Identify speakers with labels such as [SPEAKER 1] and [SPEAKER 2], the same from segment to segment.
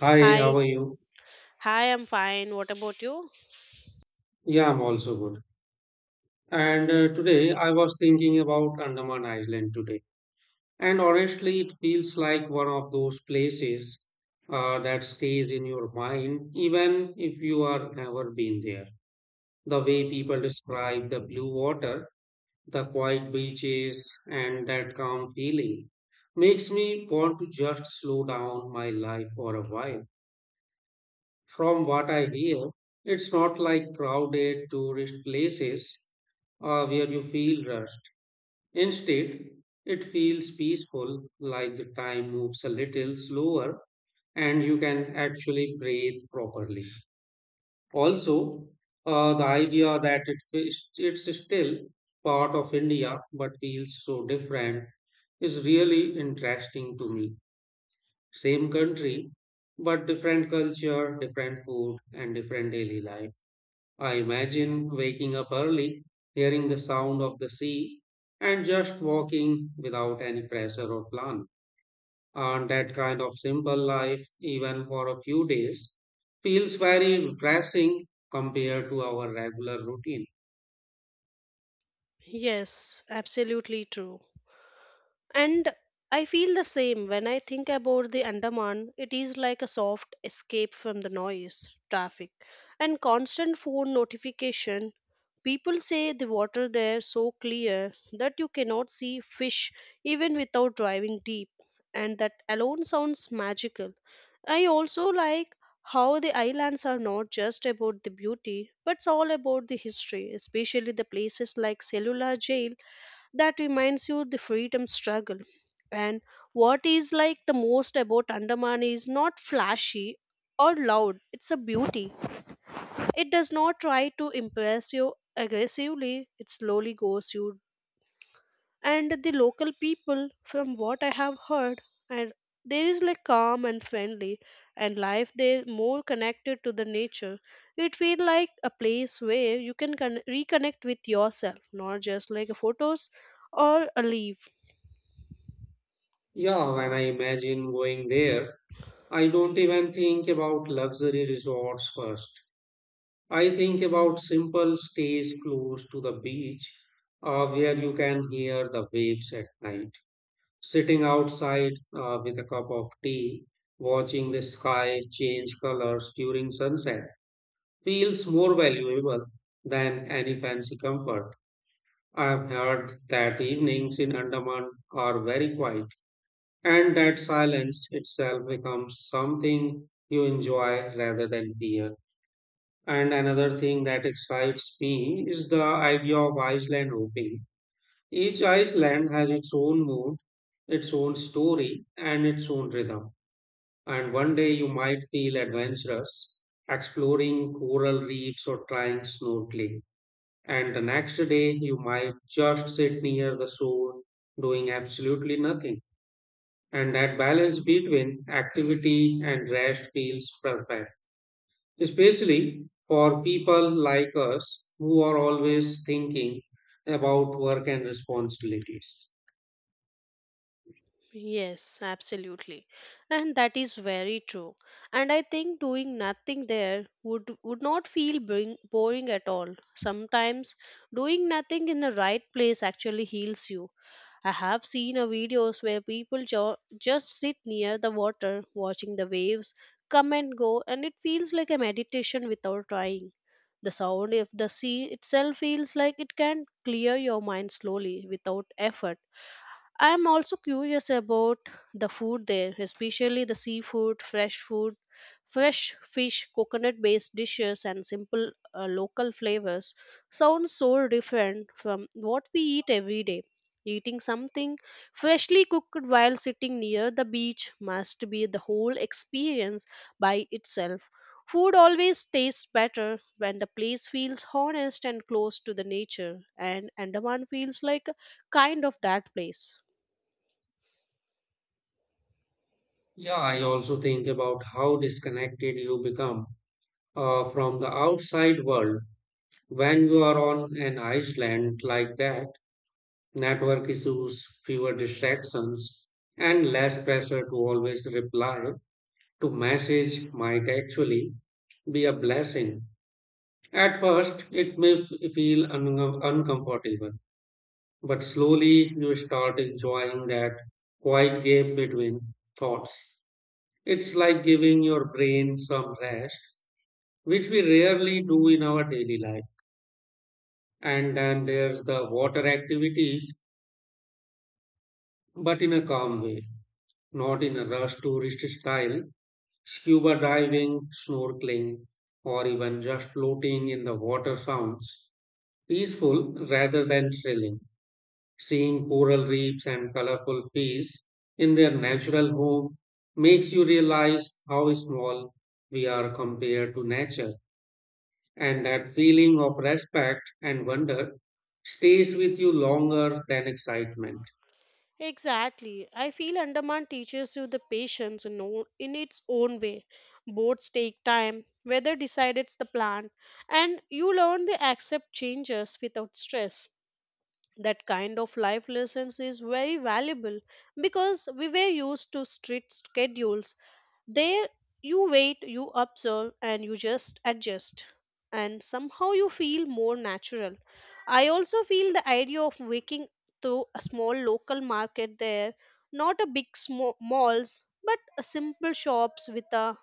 [SPEAKER 1] Hi,
[SPEAKER 2] Hi,
[SPEAKER 1] how are you?
[SPEAKER 2] hi, I'm fine. What about you?
[SPEAKER 1] Yeah, I'm also good. And today I was thinking about Andaman Island today. And honestly, it feels like one of those places that stays in your mind, even if you are never been there. The way people describe the blue water, the quiet beaches, and that calm feeling makes me want to just slow down my life for a while. From what I hear, it's not like crowded tourist places or where you feel rushed. Instead, it feels peaceful, like the time moves a little slower and you can actually breathe properly. Also, the idea that it's still part of India but feels so different is really interesting to me. Same country, but different culture, different food, and different daily life. I imagine waking up early, hearing the sound of the sea, and just walking without any pressure or plan. And that kind of simple life, even for a few days, feels very refreshing compared to our regular routine.
[SPEAKER 2] Yes, absolutely true. And I feel the same when I think about the Andaman. It is like a soft escape from the noise, traffic, and constant phone notification. People say the water there so clear that you cannot see fish even without driving deep, and that alone sounds magical. I also like how the islands are not just about the beauty, but it's all about the history, especially the places like Cellular Jail that reminds you the freedom struggle. And what is like the most about Andaman is not flashy or loud, it's a beauty. It does not try to impress you aggressively, it slowly goes you, and the local people from what I have heard, and there is like calm and friendly, and life there more connected to the nature. It feel like a place where you can reconnect with yourself, not just like photos or a leaf.
[SPEAKER 1] Yeah, when I imagine going there, I don't even think about luxury resorts first. I think about simple stays close to the beach, where you can hear the waves at night sitting outside with a cup of tea, watching the sky change colors during sunset feels more valuable than any fancy comfort. I've heard that evenings in Andaman are very quiet, and that silence itself becomes something you enjoy rather than fear. And another thing that excites me is the idea of island hopping each island has its own mood, its own story, and its own rhythm. And one day you might feel adventurous, exploring coral reefs or trying snorkeling. And the next day you might just sit near the shore doing absolutely nothing. And that balance between activity and rest feels perfect, especially for people like us who are always thinking about work and responsibilities.
[SPEAKER 2] Yes, absolutely, and that is very true. And I think doing nothing there would not feel boring at all. Sometimes doing nothing in the right place actually heals you. I have seen a videos where people just sit near the water watching the waves come and go, and it feels like a meditation without trying. The sound of the sea itself feels like it can clear your mind slowly without effort. I'm also curious about the food there, especially the seafood, fresh food, fresh fish, coconut based dishes, and simple local flavors. Sounds so different from what we eat every day. Eating something freshly cooked while sitting near the beach must be the whole experience by itself. Food always tastes better when the place feels honest and close to the nature, and Andaman feels like kind of that place.
[SPEAKER 1] Yeah, I also think about how disconnected you become from the outside world when you are on an island like that. Network issues, fewer distractions, and less pressure to always reply to message might actually be a blessing. At first, it may feel uncomfortable, but slowly you start enjoying that quiet gap between thoughts. It's like giving your brain some rest, which we rarely do in our daily life. And then there's the water activities, but in a calm way, not in a rush tourist style. Scuba diving, snorkeling, or even just floating in the water sounds peaceful rather than thrilling. Seeing coral reefs and colorful fish in their natural home makes you realize how small we are compared to nature. And that feeling of respect and wonder stays with you longer than excitement.
[SPEAKER 2] Exactly. I feel Andaman teaches you the patience in, in its own way. Boats take time, weather decides the plan, and you learn to accept changes without stress. That kind of life lessons is very valuable because we were used to strict schedules there, you wait, you observe, and you just adjust. And somehow you feel more natural. I also feel the idea of waking to a small local market there, not a big malls, but a simple shops with a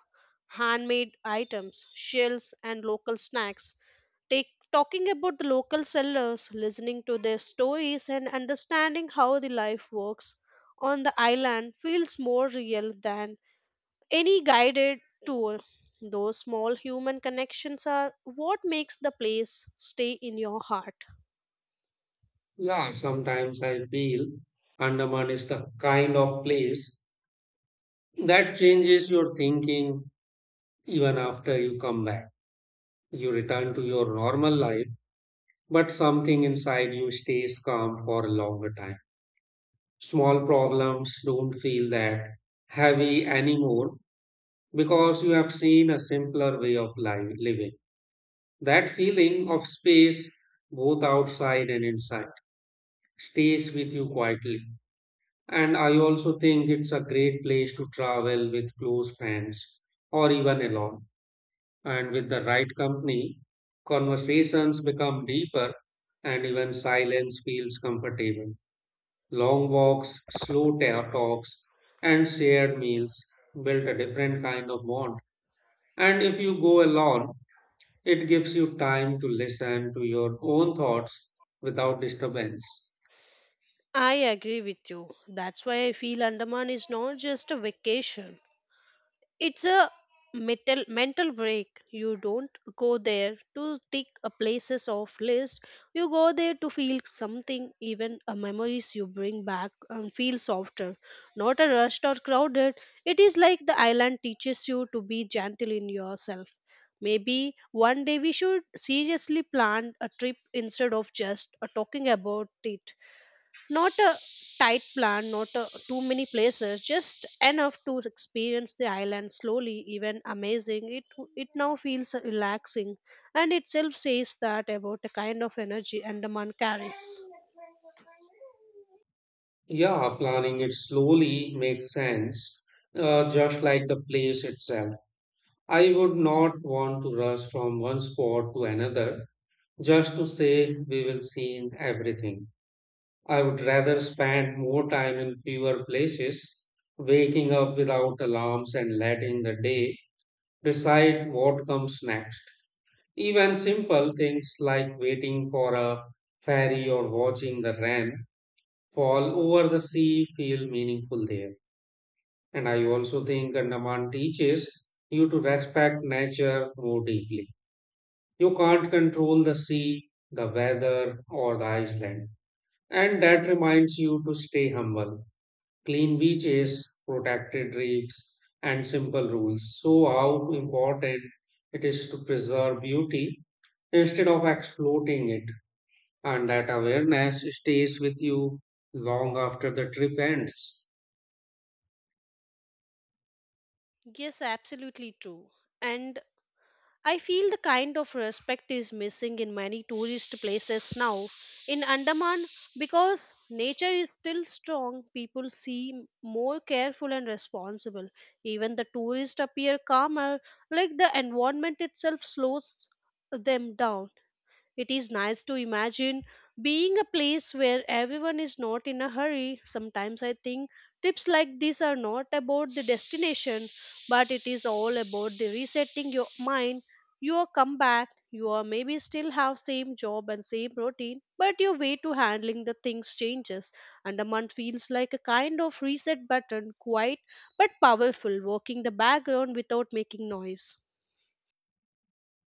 [SPEAKER 2] handmade items, shells, and local snacks. Take talking about the local sellers, listening to their stories, and understanding how the life works on the island feels more real than any guided tour. Those small human connections are what makes the place stay in your heart.
[SPEAKER 1] Yeah, sometimes I feel Andaman is the kind of place that changes your thinking even after you come back. You return to your normal life, but something inside you stays calm for a longer time. Small problems don't feel that heavy anymore because you have seen a simpler way of life living. That feeling of space, both outside and inside, stays with you quietly. And I also think it's a great place to travel with close friends or even alone. And with the right company, conversations become deeper and even silence feels comfortable. Long walks, slow talks, and shared meals build a different kind of bond. And if you go alone, it gives you time to listen to your own thoughts without disturbance.
[SPEAKER 2] I agree with you. That's why I feel Andaman is not just a vacation. It's a mental break. You don't go there to tick a places off list. You go there to feel something, even a memories you bring back and feel softer, not a rushed or crowded. It is like the island teaches you to be gentle in yourself. Maybe one day we should seriously plan a trip instead of just talking about it. Not a tight plan, not a, too many places, just enough to experience the island slowly, even amazing. It now feels relaxing, and itself says that about the kind of energy Andaman carries.
[SPEAKER 1] Yeah, planning it slowly makes sense, just like the place itself. I would not want to rush from one spot to another just to say we will see everything. I would rather spend more time in fewer places, waking up without alarms and letting the day decide what comes next. Even simple things like waiting for a ferry or watching the rain fall over the sea feel meaningful there. And I also think Andaman teaches you to respect nature more deeply. You can't control the sea, the weather, or the island. And that reminds you to stay humble. Clean beaches, protected reefs, and simple rules. So, how important it is to preserve beauty instead of exploiting it. And that awareness stays with you long after the trip ends.
[SPEAKER 2] Yes, absolutely true. And I feel the kind of respect is missing in many tourist places now. In Andaman, because nature is still strong, people seem more careful and responsible. Even the tourists appear calmer, like the environment itself slows them down. It is nice to imagine being a place where everyone is not in a hurry. Sometimes I think trips like this are not about the destination, but it is all about the resetting your mind. You are come back, you are maybe still have same job and same routine, but your way to handling the things changes. And a month feels like a kind of reset button, quiet but powerful, working the background without making noise.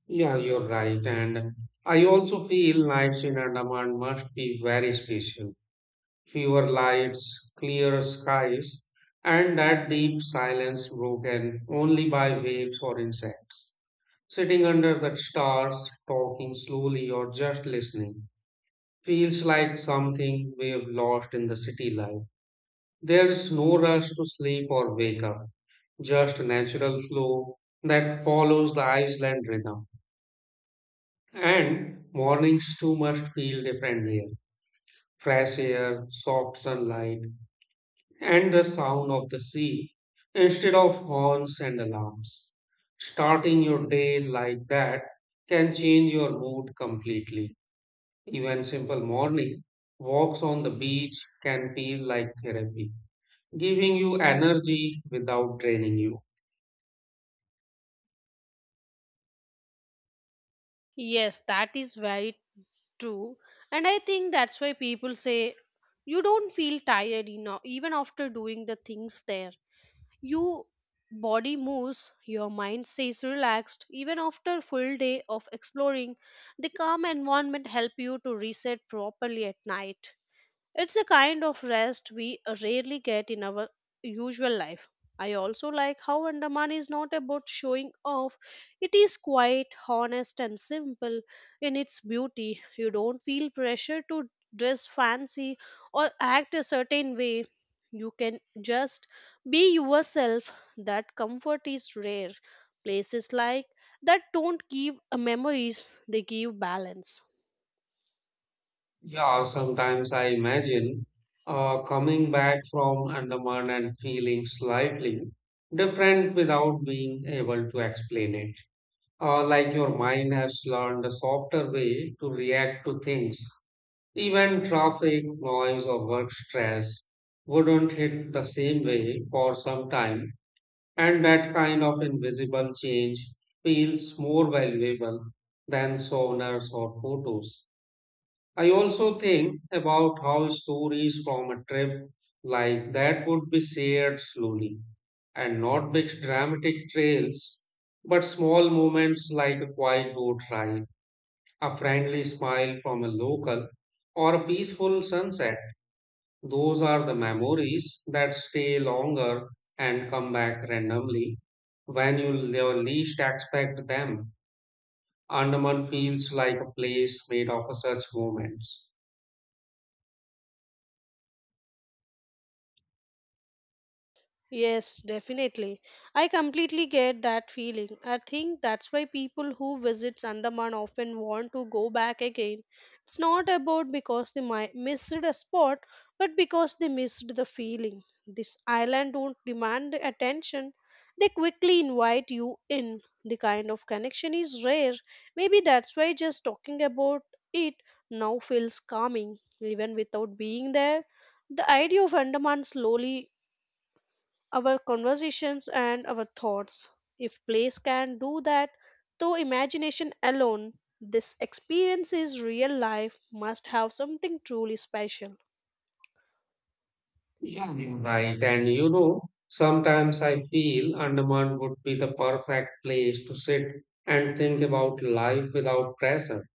[SPEAKER 1] Yeah, you're right. And I also feel nights in Andaman must be very special. Fewer lights, clear skies, and that deep silence broken only by waves or insects. Sitting under the stars, talking slowly or just listening feels like something we've lost in the city life. There's no rush to sleep or wake up just a natural flow that follows the Iceland rhythm. And mornings too must feel different here. Fresh air, soft sunlight, and the sound of the sea instead of horns and alarms. Starting your day like that can change your mood completely. Even simple morning walks on the beach can feel like therapy, giving you energy without draining you.
[SPEAKER 2] Yes, that is very true. And I think that's why people say you don't feel tired enough even after doing the things there. You body moves, your mind stays relaxed even after a full day of exploring. The calm environment help you to reset properly at night. It's a kind of rest we rarely get in our usual life. I also like how Andaman is not about showing off. It is quite honest and simple in its beauty. You don't feel pressure to dress fancy or act a certain way. You can just be yourself. That comfort is rare. Places like that don't give memories, they give balance.
[SPEAKER 1] Yeah, sometimes I imagine coming back from Andaman and feeling slightly different without being able to explain it. Like your mind has learned a softer way to react to things. Even traffic, noise, or work stress wouldn't hit the same way for some time, and that kind of invisible change feels more valuable than souvenirs or photos. I also think about how stories from a trip like that would be shared slowly and not big dramatic trails, but small moments like a quiet boat ride, a friendly smile from a local, or a peaceful sunset. Those are the memories that stay longer and come back randomly when you least expect them. Andaman feels like a place made of such moments.
[SPEAKER 2] Yes, definitely. I completely get that feeling. I think that's why people who visit Andaman often want to go back again. It's not about because they missed a spot, but because they missed the feeling. This island don't demand attention. They quickly invite you in. The kind of connection is rare. Maybe that's why just talking about it now feels calming, even without being there. The idea of Andaman slowly our conversations and our thoughts. If place can do that, though imagination alone, this experience is real life must have something truly special.
[SPEAKER 1] Yeah, you're right. And you know, sometimes I feel Andaman would be the perfect place to sit and think about life without pressure,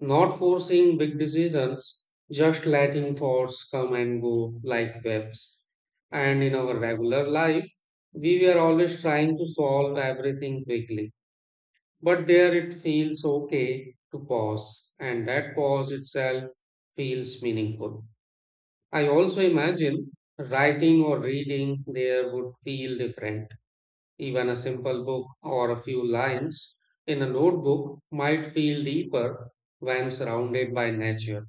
[SPEAKER 1] not forcing big decisions, just letting thoughts come and go like waves. And in our regular life, we were always trying to solve everything quickly. But there it feels okay to pause, and that pause itself feels meaningful. I also imagine writing or reading there would feel different. Even a simple book or a few lines in a notebook might feel deeper when surrounded by nature.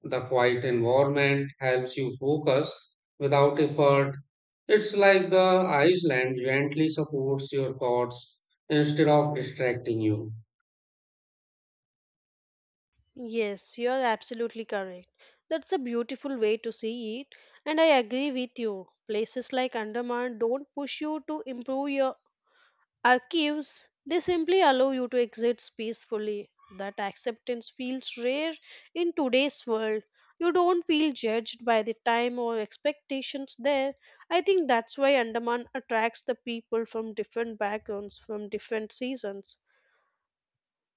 [SPEAKER 1] The quiet environment helps you focus without effort. It's like the Iceland gently supports your thoughts instead of distracting you.
[SPEAKER 2] Yes, you are absolutely correct. That's a beautiful way to see it, and I agree with you. Places like Andaman don't push you to improve your Archives, they simply allow you to exist peacefully. That acceptance feels rare in today's world. You don't feel judged by the time or expectations there. I think that's why Andaman attracts the people from different backgrounds, from different seasons.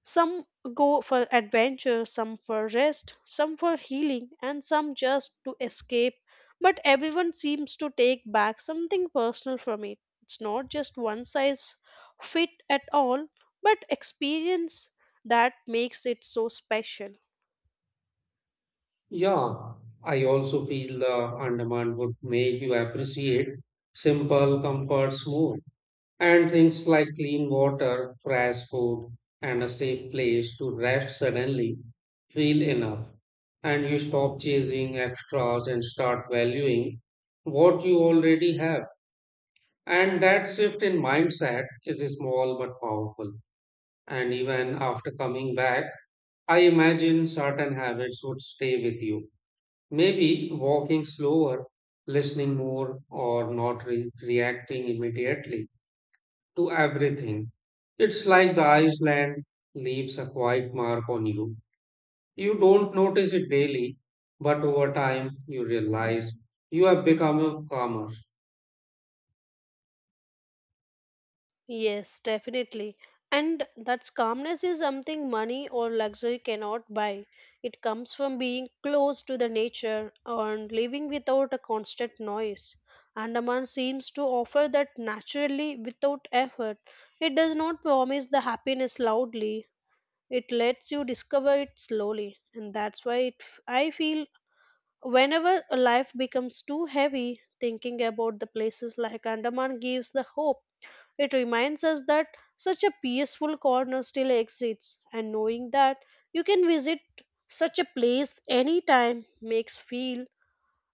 [SPEAKER 2] Some go for adventure, some for rest, some for healing, and some just to escape. But everyone seems to take back something personal from it. It's not just one size fit at all, but experience that makes it so special.
[SPEAKER 1] Yeah, I also feel the Andaman would make you appreciate simple comforts more. And things like clean water, fresh food, and a safe place to rest suddenly feel enough. And you stop chasing extras and start valuing what you already have. And that shift in mindset is small but powerful. And even after coming back, I imagine certain habits would stay with you. Maybe walking slower, listening more, or not reacting immediately to everything. It's like the Iceland leaves a quiet mark on you. You don't notice it daily, but over time you realize you have become calmer.
[SPEAKER 2] Yes, definitely. And that calmness is something money or luxury cannot buy. It comes from being close to the nature and living without a constant noise. Andaman seems to offer that naturally without effort. It does not promise the happiness loudly. It lets you discover it slowly. And that's why I feel whenever a life becomes too heavy, thinking about the places like Andaman gives the hope. It reminds us that such a peaceful corner still exists, and knowing that you can visit such a place anytime makes feel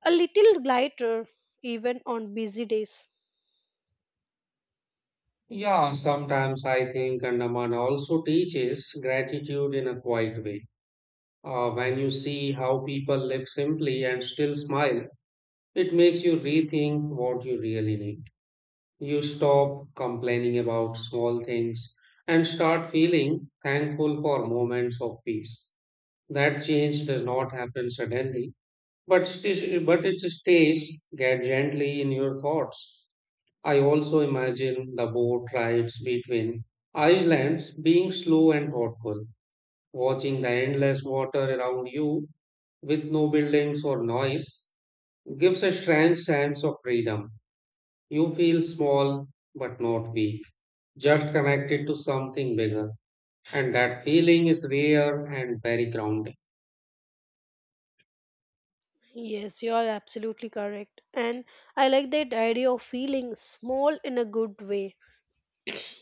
[SPEAKER 2] a little lighter even on busy days.
[SPEAKER 1] Yeah, sometimes I think Andaman also teaches gratitude in a quiet way. When you see how people live simply and still smile, it makes you rethink what you really need. You stop complaining about small things and start feeling thankful for moments of peace. That change does not happen suddenly, but it stays get gently in your thoughts. I also imagine the boat rides between islands being slow and thoughtful, watching the endless water around you with no buildings or noise gives a strange sense of freedom. You feel small but not weak just connected to something bigger. And that feeling is rare and very grounding.
[SPEAKER 2] Yes, you are absolutely correct. And I like that idea of feeling small in a good way.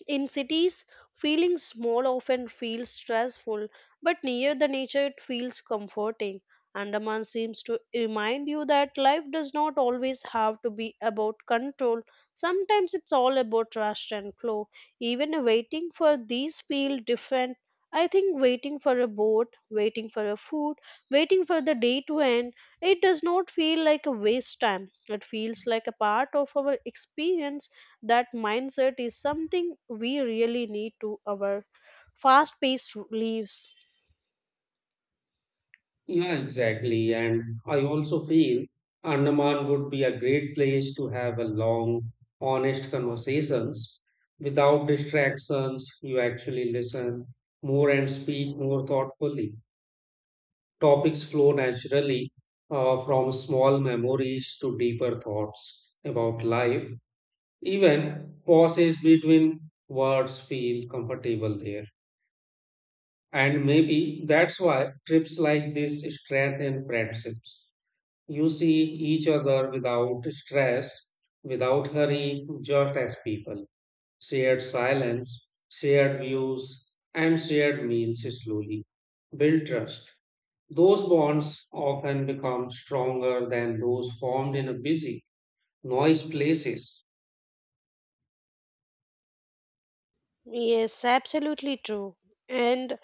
[SPEAKER 2] In cities, feeling small often feels stressful, but near the nature it feels comforting. Andaman seems to remind you that life does not always have to be about control. Sometimes it's all about trust and flow. Even waiting for these feel different. I think waiting for a boat, waiting for a food, waiting for the day to end, it does not feel like a waste time. It feels like a part of our experience. That mindset is something we really need to our fast-paced lives.
[SPEAKER 1] Yeah, exactly. And I also feel Andaman would be a great place to have a long, honest conversations without distractions. You actually listen more and speak more thoughtfully. Topics flow naturally from small memories to deeper thoughts about life. Even pauses between words feel comfortable there. And maybe that's why trips like this strengthen friendships. You see each other without stress, without hurry, just as people. Shared silence, shared views, and shared meals slowly build trust. Those bonds often become stronger than those formed in a busy, noise places.
[SPEAKER 2] Yes, absolutely true. And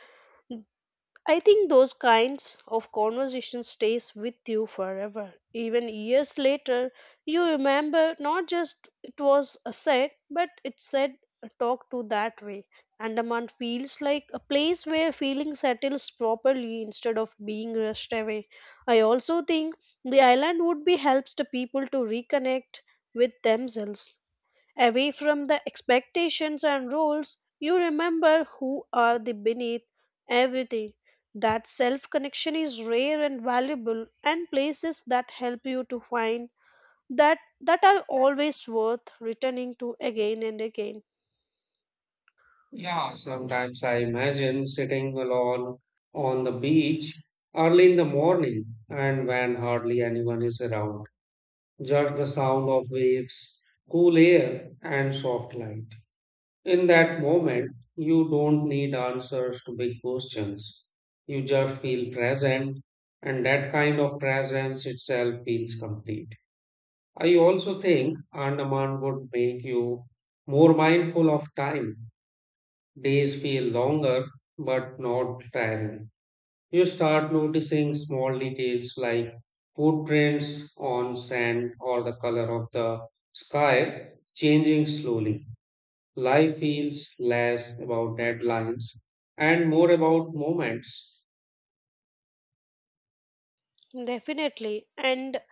[SPEAKER 2] I think those kinds of conversation stays with you forever. Even years later, you remember not just it was a said, but it said a talk to that way. Andaman feels like a place where feeling settles properly instead of being rushed away. I also think the island would be helps the people to reconnect with themselves away from the expectations and rules, you remember who are the beneath everything. That self connection is rare and valuable, and places that help you to find that are always worth returning to again and again.
[SPEAKER 1] Yeah, sometimes I imagine sitting alone on the beach early in the morning and when hardly anyone is around. Just the sound of waves, cool air, and soft light. In that moment, you don't need answers to big questions. You just feel present, and that kind of presence itself feels complete. I also think Andaman would make you more mindful of time. Days feel longer but not tiring. You start noticing small details like footprints on sand or the color of the sky changing slowly. Life feels less about deadlines and more about moments.
[SPEAKER 2] Definitely, and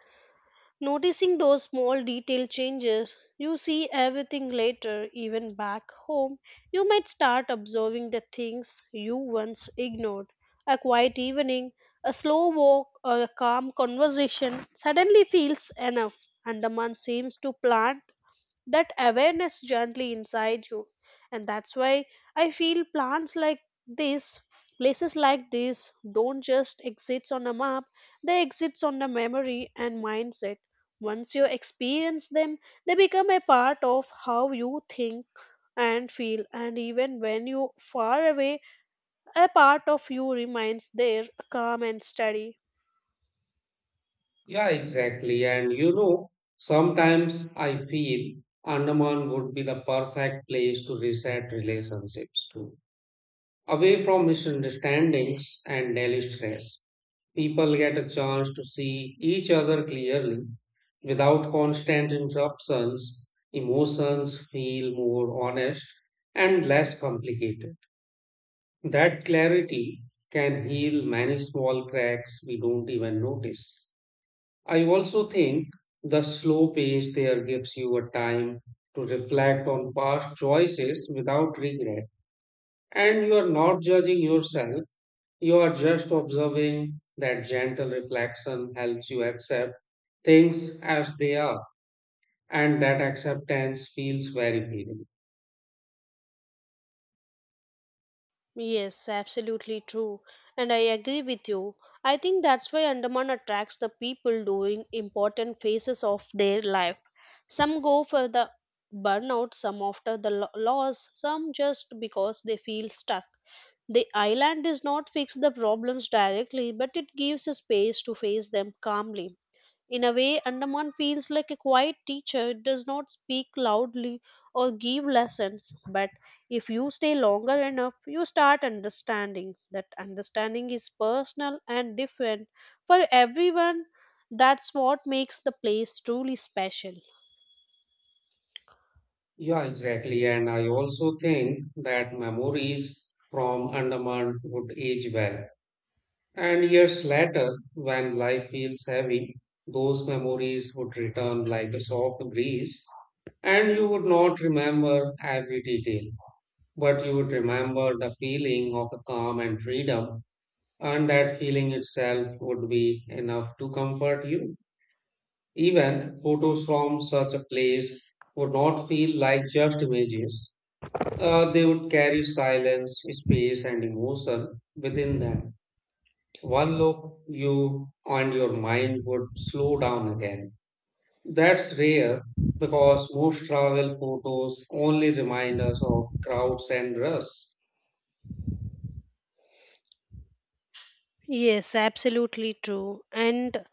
[SPEAKER 2] noticing those small detail changes, you see everything later, even back home. You might start observing the things you once ignored. A quiet evening, a slow walk, or a calm conversation suddenly feels enough. Andaman seems to plan that awareness gently inside you, and that's why I feel plants like this places like this don't just exist on a map, they exist on the memory and mindset. Once you experience them, they become a part of how you think and feel, and even when you far away, a part of you remains there, calm and steady.
[SPEAKER 1] Yeah, exactly. And you know, sometimes I feel Andaman would be the perfect place to reset relationships too, away from misunderstandings and daily stress. People get a chance to see each other clearly without constant interruptions. Emotions feel more honest and less complicated. That clarity can heal many small cracks we don't even notice. I also think the slow pace there gives you a time to reflect on past choices without regret. And you are not judging yourself, you are just observing that gentle reflection helps you accept things as they are, and that acceptance feels very freeing.
[SPEAKER 2] Yes, absolutely true. And I agree with you. I think that's why Andaman attracts the people doing important phases of their life. Some go for the burnout, some after the loss, some just because they feel stuck. The island does not fix the problems directly, but it gives a space to face them calmly. In a way, Andaman feels like a quiet teacher. It does not speak loudly or give lessons, but if you stay longer enough, you start understanding. That understanding is personal and different for everyone. That's what makes the place truly special.
[SPEAKER 1] Yeah, exactly. And I also think that memories from Andaman would age well. And years later, when life feels heavy, those memories would return like a soft breeze, and you would not remember every detail but you would remember the feeling of a calm and freedom, and that feeling itself would be enough to comfort you. Even photos from such a place would not feel like just images. They would carry silence, space, and emotion within them. One look, you and your mind would slow down again. That's rare because most travel photos only remind us of crowds and rush.
[SPEAKER 2] Yes, absolutely true. And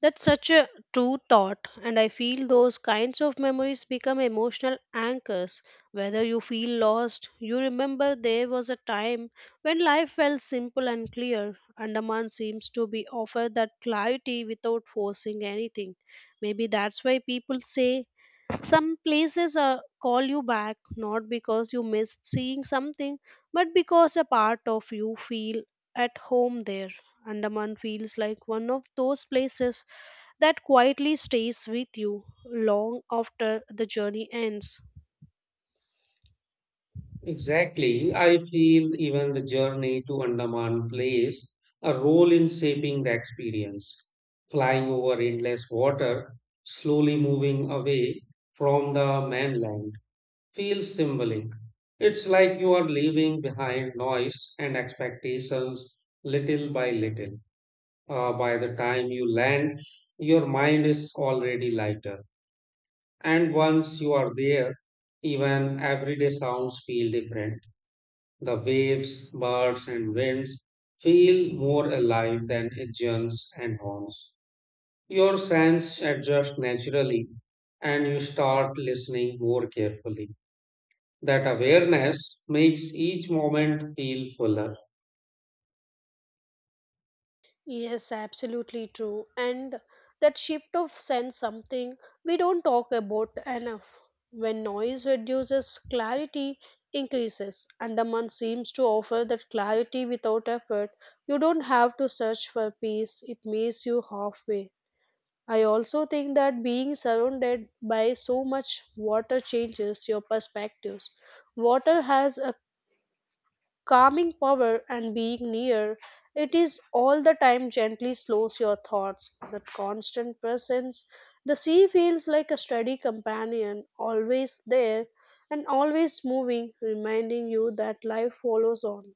[SPEAKER 2] that's such a true thought, and I feel those kinds of memories become emotional anchors. Whether you feel lost, you remember there was a time when life felt simple and clear. Andaman seems to be offer that clarity without forcing anything. Maybe that's why people say some places call you back not because you missed seeing something, but because a part of you feel at home there. Andaman feels like one of those places that quietly stays with you long after the journey ends.
[SPEAKER 1] Exactly. I feel even the journey to Andaman plays a role in shaping the experience. Flying over endless water, slowly moving away from the mainland, feels symbolic. It's like you are leaving behind noise and expectations little by little. By the time you land, your mind is already lighter. And once you are there, even everyday sounds feel different the waves, birds, and winds feel more alive than engines and horns. Your sense adjust naturally and you start listening more carefully. That awareness makes each moment feel fuller.
[SPEAKER 2] Yes, absolutely true. And that shift of sense something we don't talk about enough. When noise reduces, clarity increases. Andaman seems to offer that clarity without effort. You don't have to search for peace, it meets you halfway. I also think that being surrounded by so much water changes your perspectives. Water has a calming power, and being near it is all the time gently slows your thoughts. That constant presence, the sea feels like a steady companion, always there and always moving, reminding you that life follows on.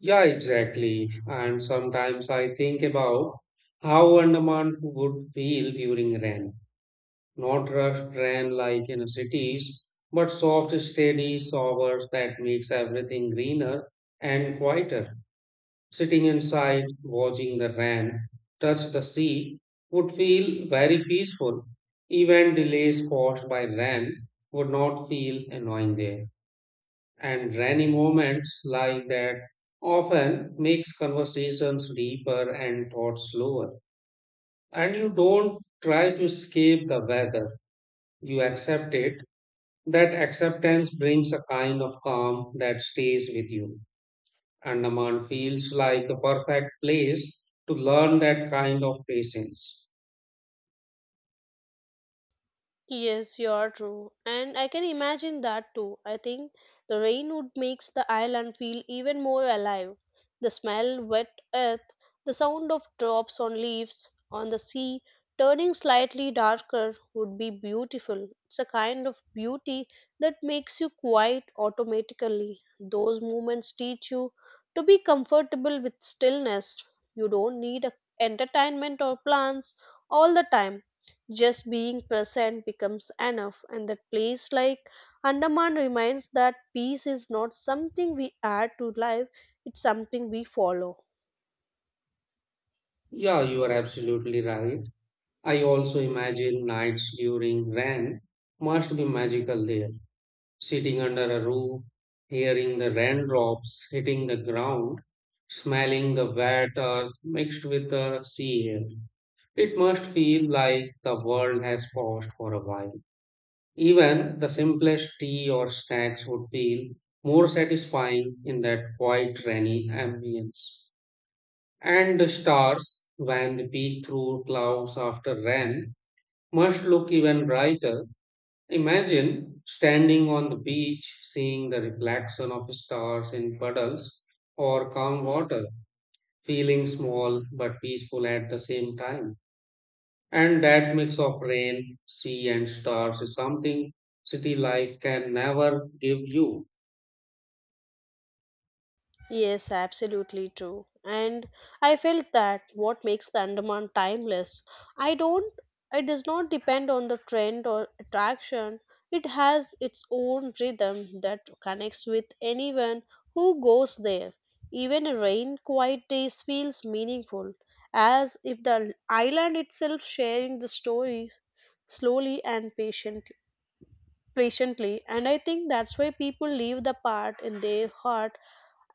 [SPEAKER 1] Yeah, exactly. And sometimes I think about how Andaman would feel during rain. Not rushed train like in cities, but soft, steady showers that makes everything greener and quieter. Sitting inside, watching the rain touch the sea would feel very peaceful. Even delays caused by rain would not feel annoying there. And rainy moments like that often makes conversations deeper and thoughts slower. And you don't try to escape the weather. You accept it that acceptance brings a kind of calm that stays with you. Andaman feels like the perfect place to learn that kind of patience.
[SPEAKER 2] Yes, you're true. And I can imagine that too. I think the rain would makes the island feel even more alive. The smell, wet earth, the sound of drops on leaves on the sea turning slightly darker would be beautiful. It's a kind of beauty that makes you quiet automatically. Those moments teach you to be comfortable with stillness. You don't need a entertainment or plans all the time, just being present becomes enough, and that place like Andaman reminds that peace is not something we add to life, it's something we follow.
[SPEAKER 1] Yeah, you are absolutely right. I also imagine nights during rain must be magical there. Sitting under a roof, hearing the raindrops hitting the ground, smelling the wet earth mixed with the sea air. It must feel like the world has paused for a while. Even the simplest tea or snacks would feel more satisfying in that quiet rainy ambience. And the stars, when peek through clouds after rain, must look even brighter. Imagine standing on the beach, seeing the reflection of stars in puddles or calm water, feeling small but peaceful at the same time. And that mix of rain, sea, and stars is something city life can never give you.
[SPEAKER 2] Yes, absolutely true. And I felt that what makes the Andaman timeless, I don't it does not depend on the trend or attraction. It has its own rhythm that connects with anyone who goes there. Even a rain quiet day feels meaningful, as if the island itself sharing the story slowly and patiently. And I think that's why people leave the part in their heart,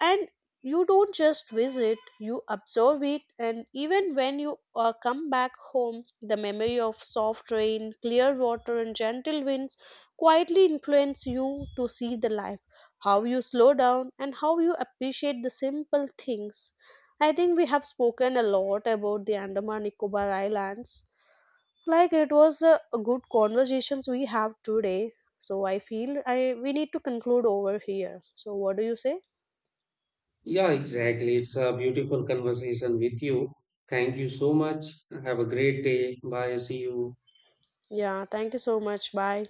[SPEAKER 2] and you don't just visit, you observe it. And even when you come back home, the memory of soft rain, clear water and gentle winds quietly influence you to see the life, how you slow down and how you appreciate the simple things. I think we have spoken a lot about the Andaman Nicobar Islands. Like it was a good conversations we have today, so I feel I we need to conclude over here. So what do you say?
[SPEAKER 1] Yeah, exactly. It's a beautiful conversation with you. Thank you so much. Have a great day. Bye. See you.
[SPEAKER 2] Yeah, thank you so much. Bye.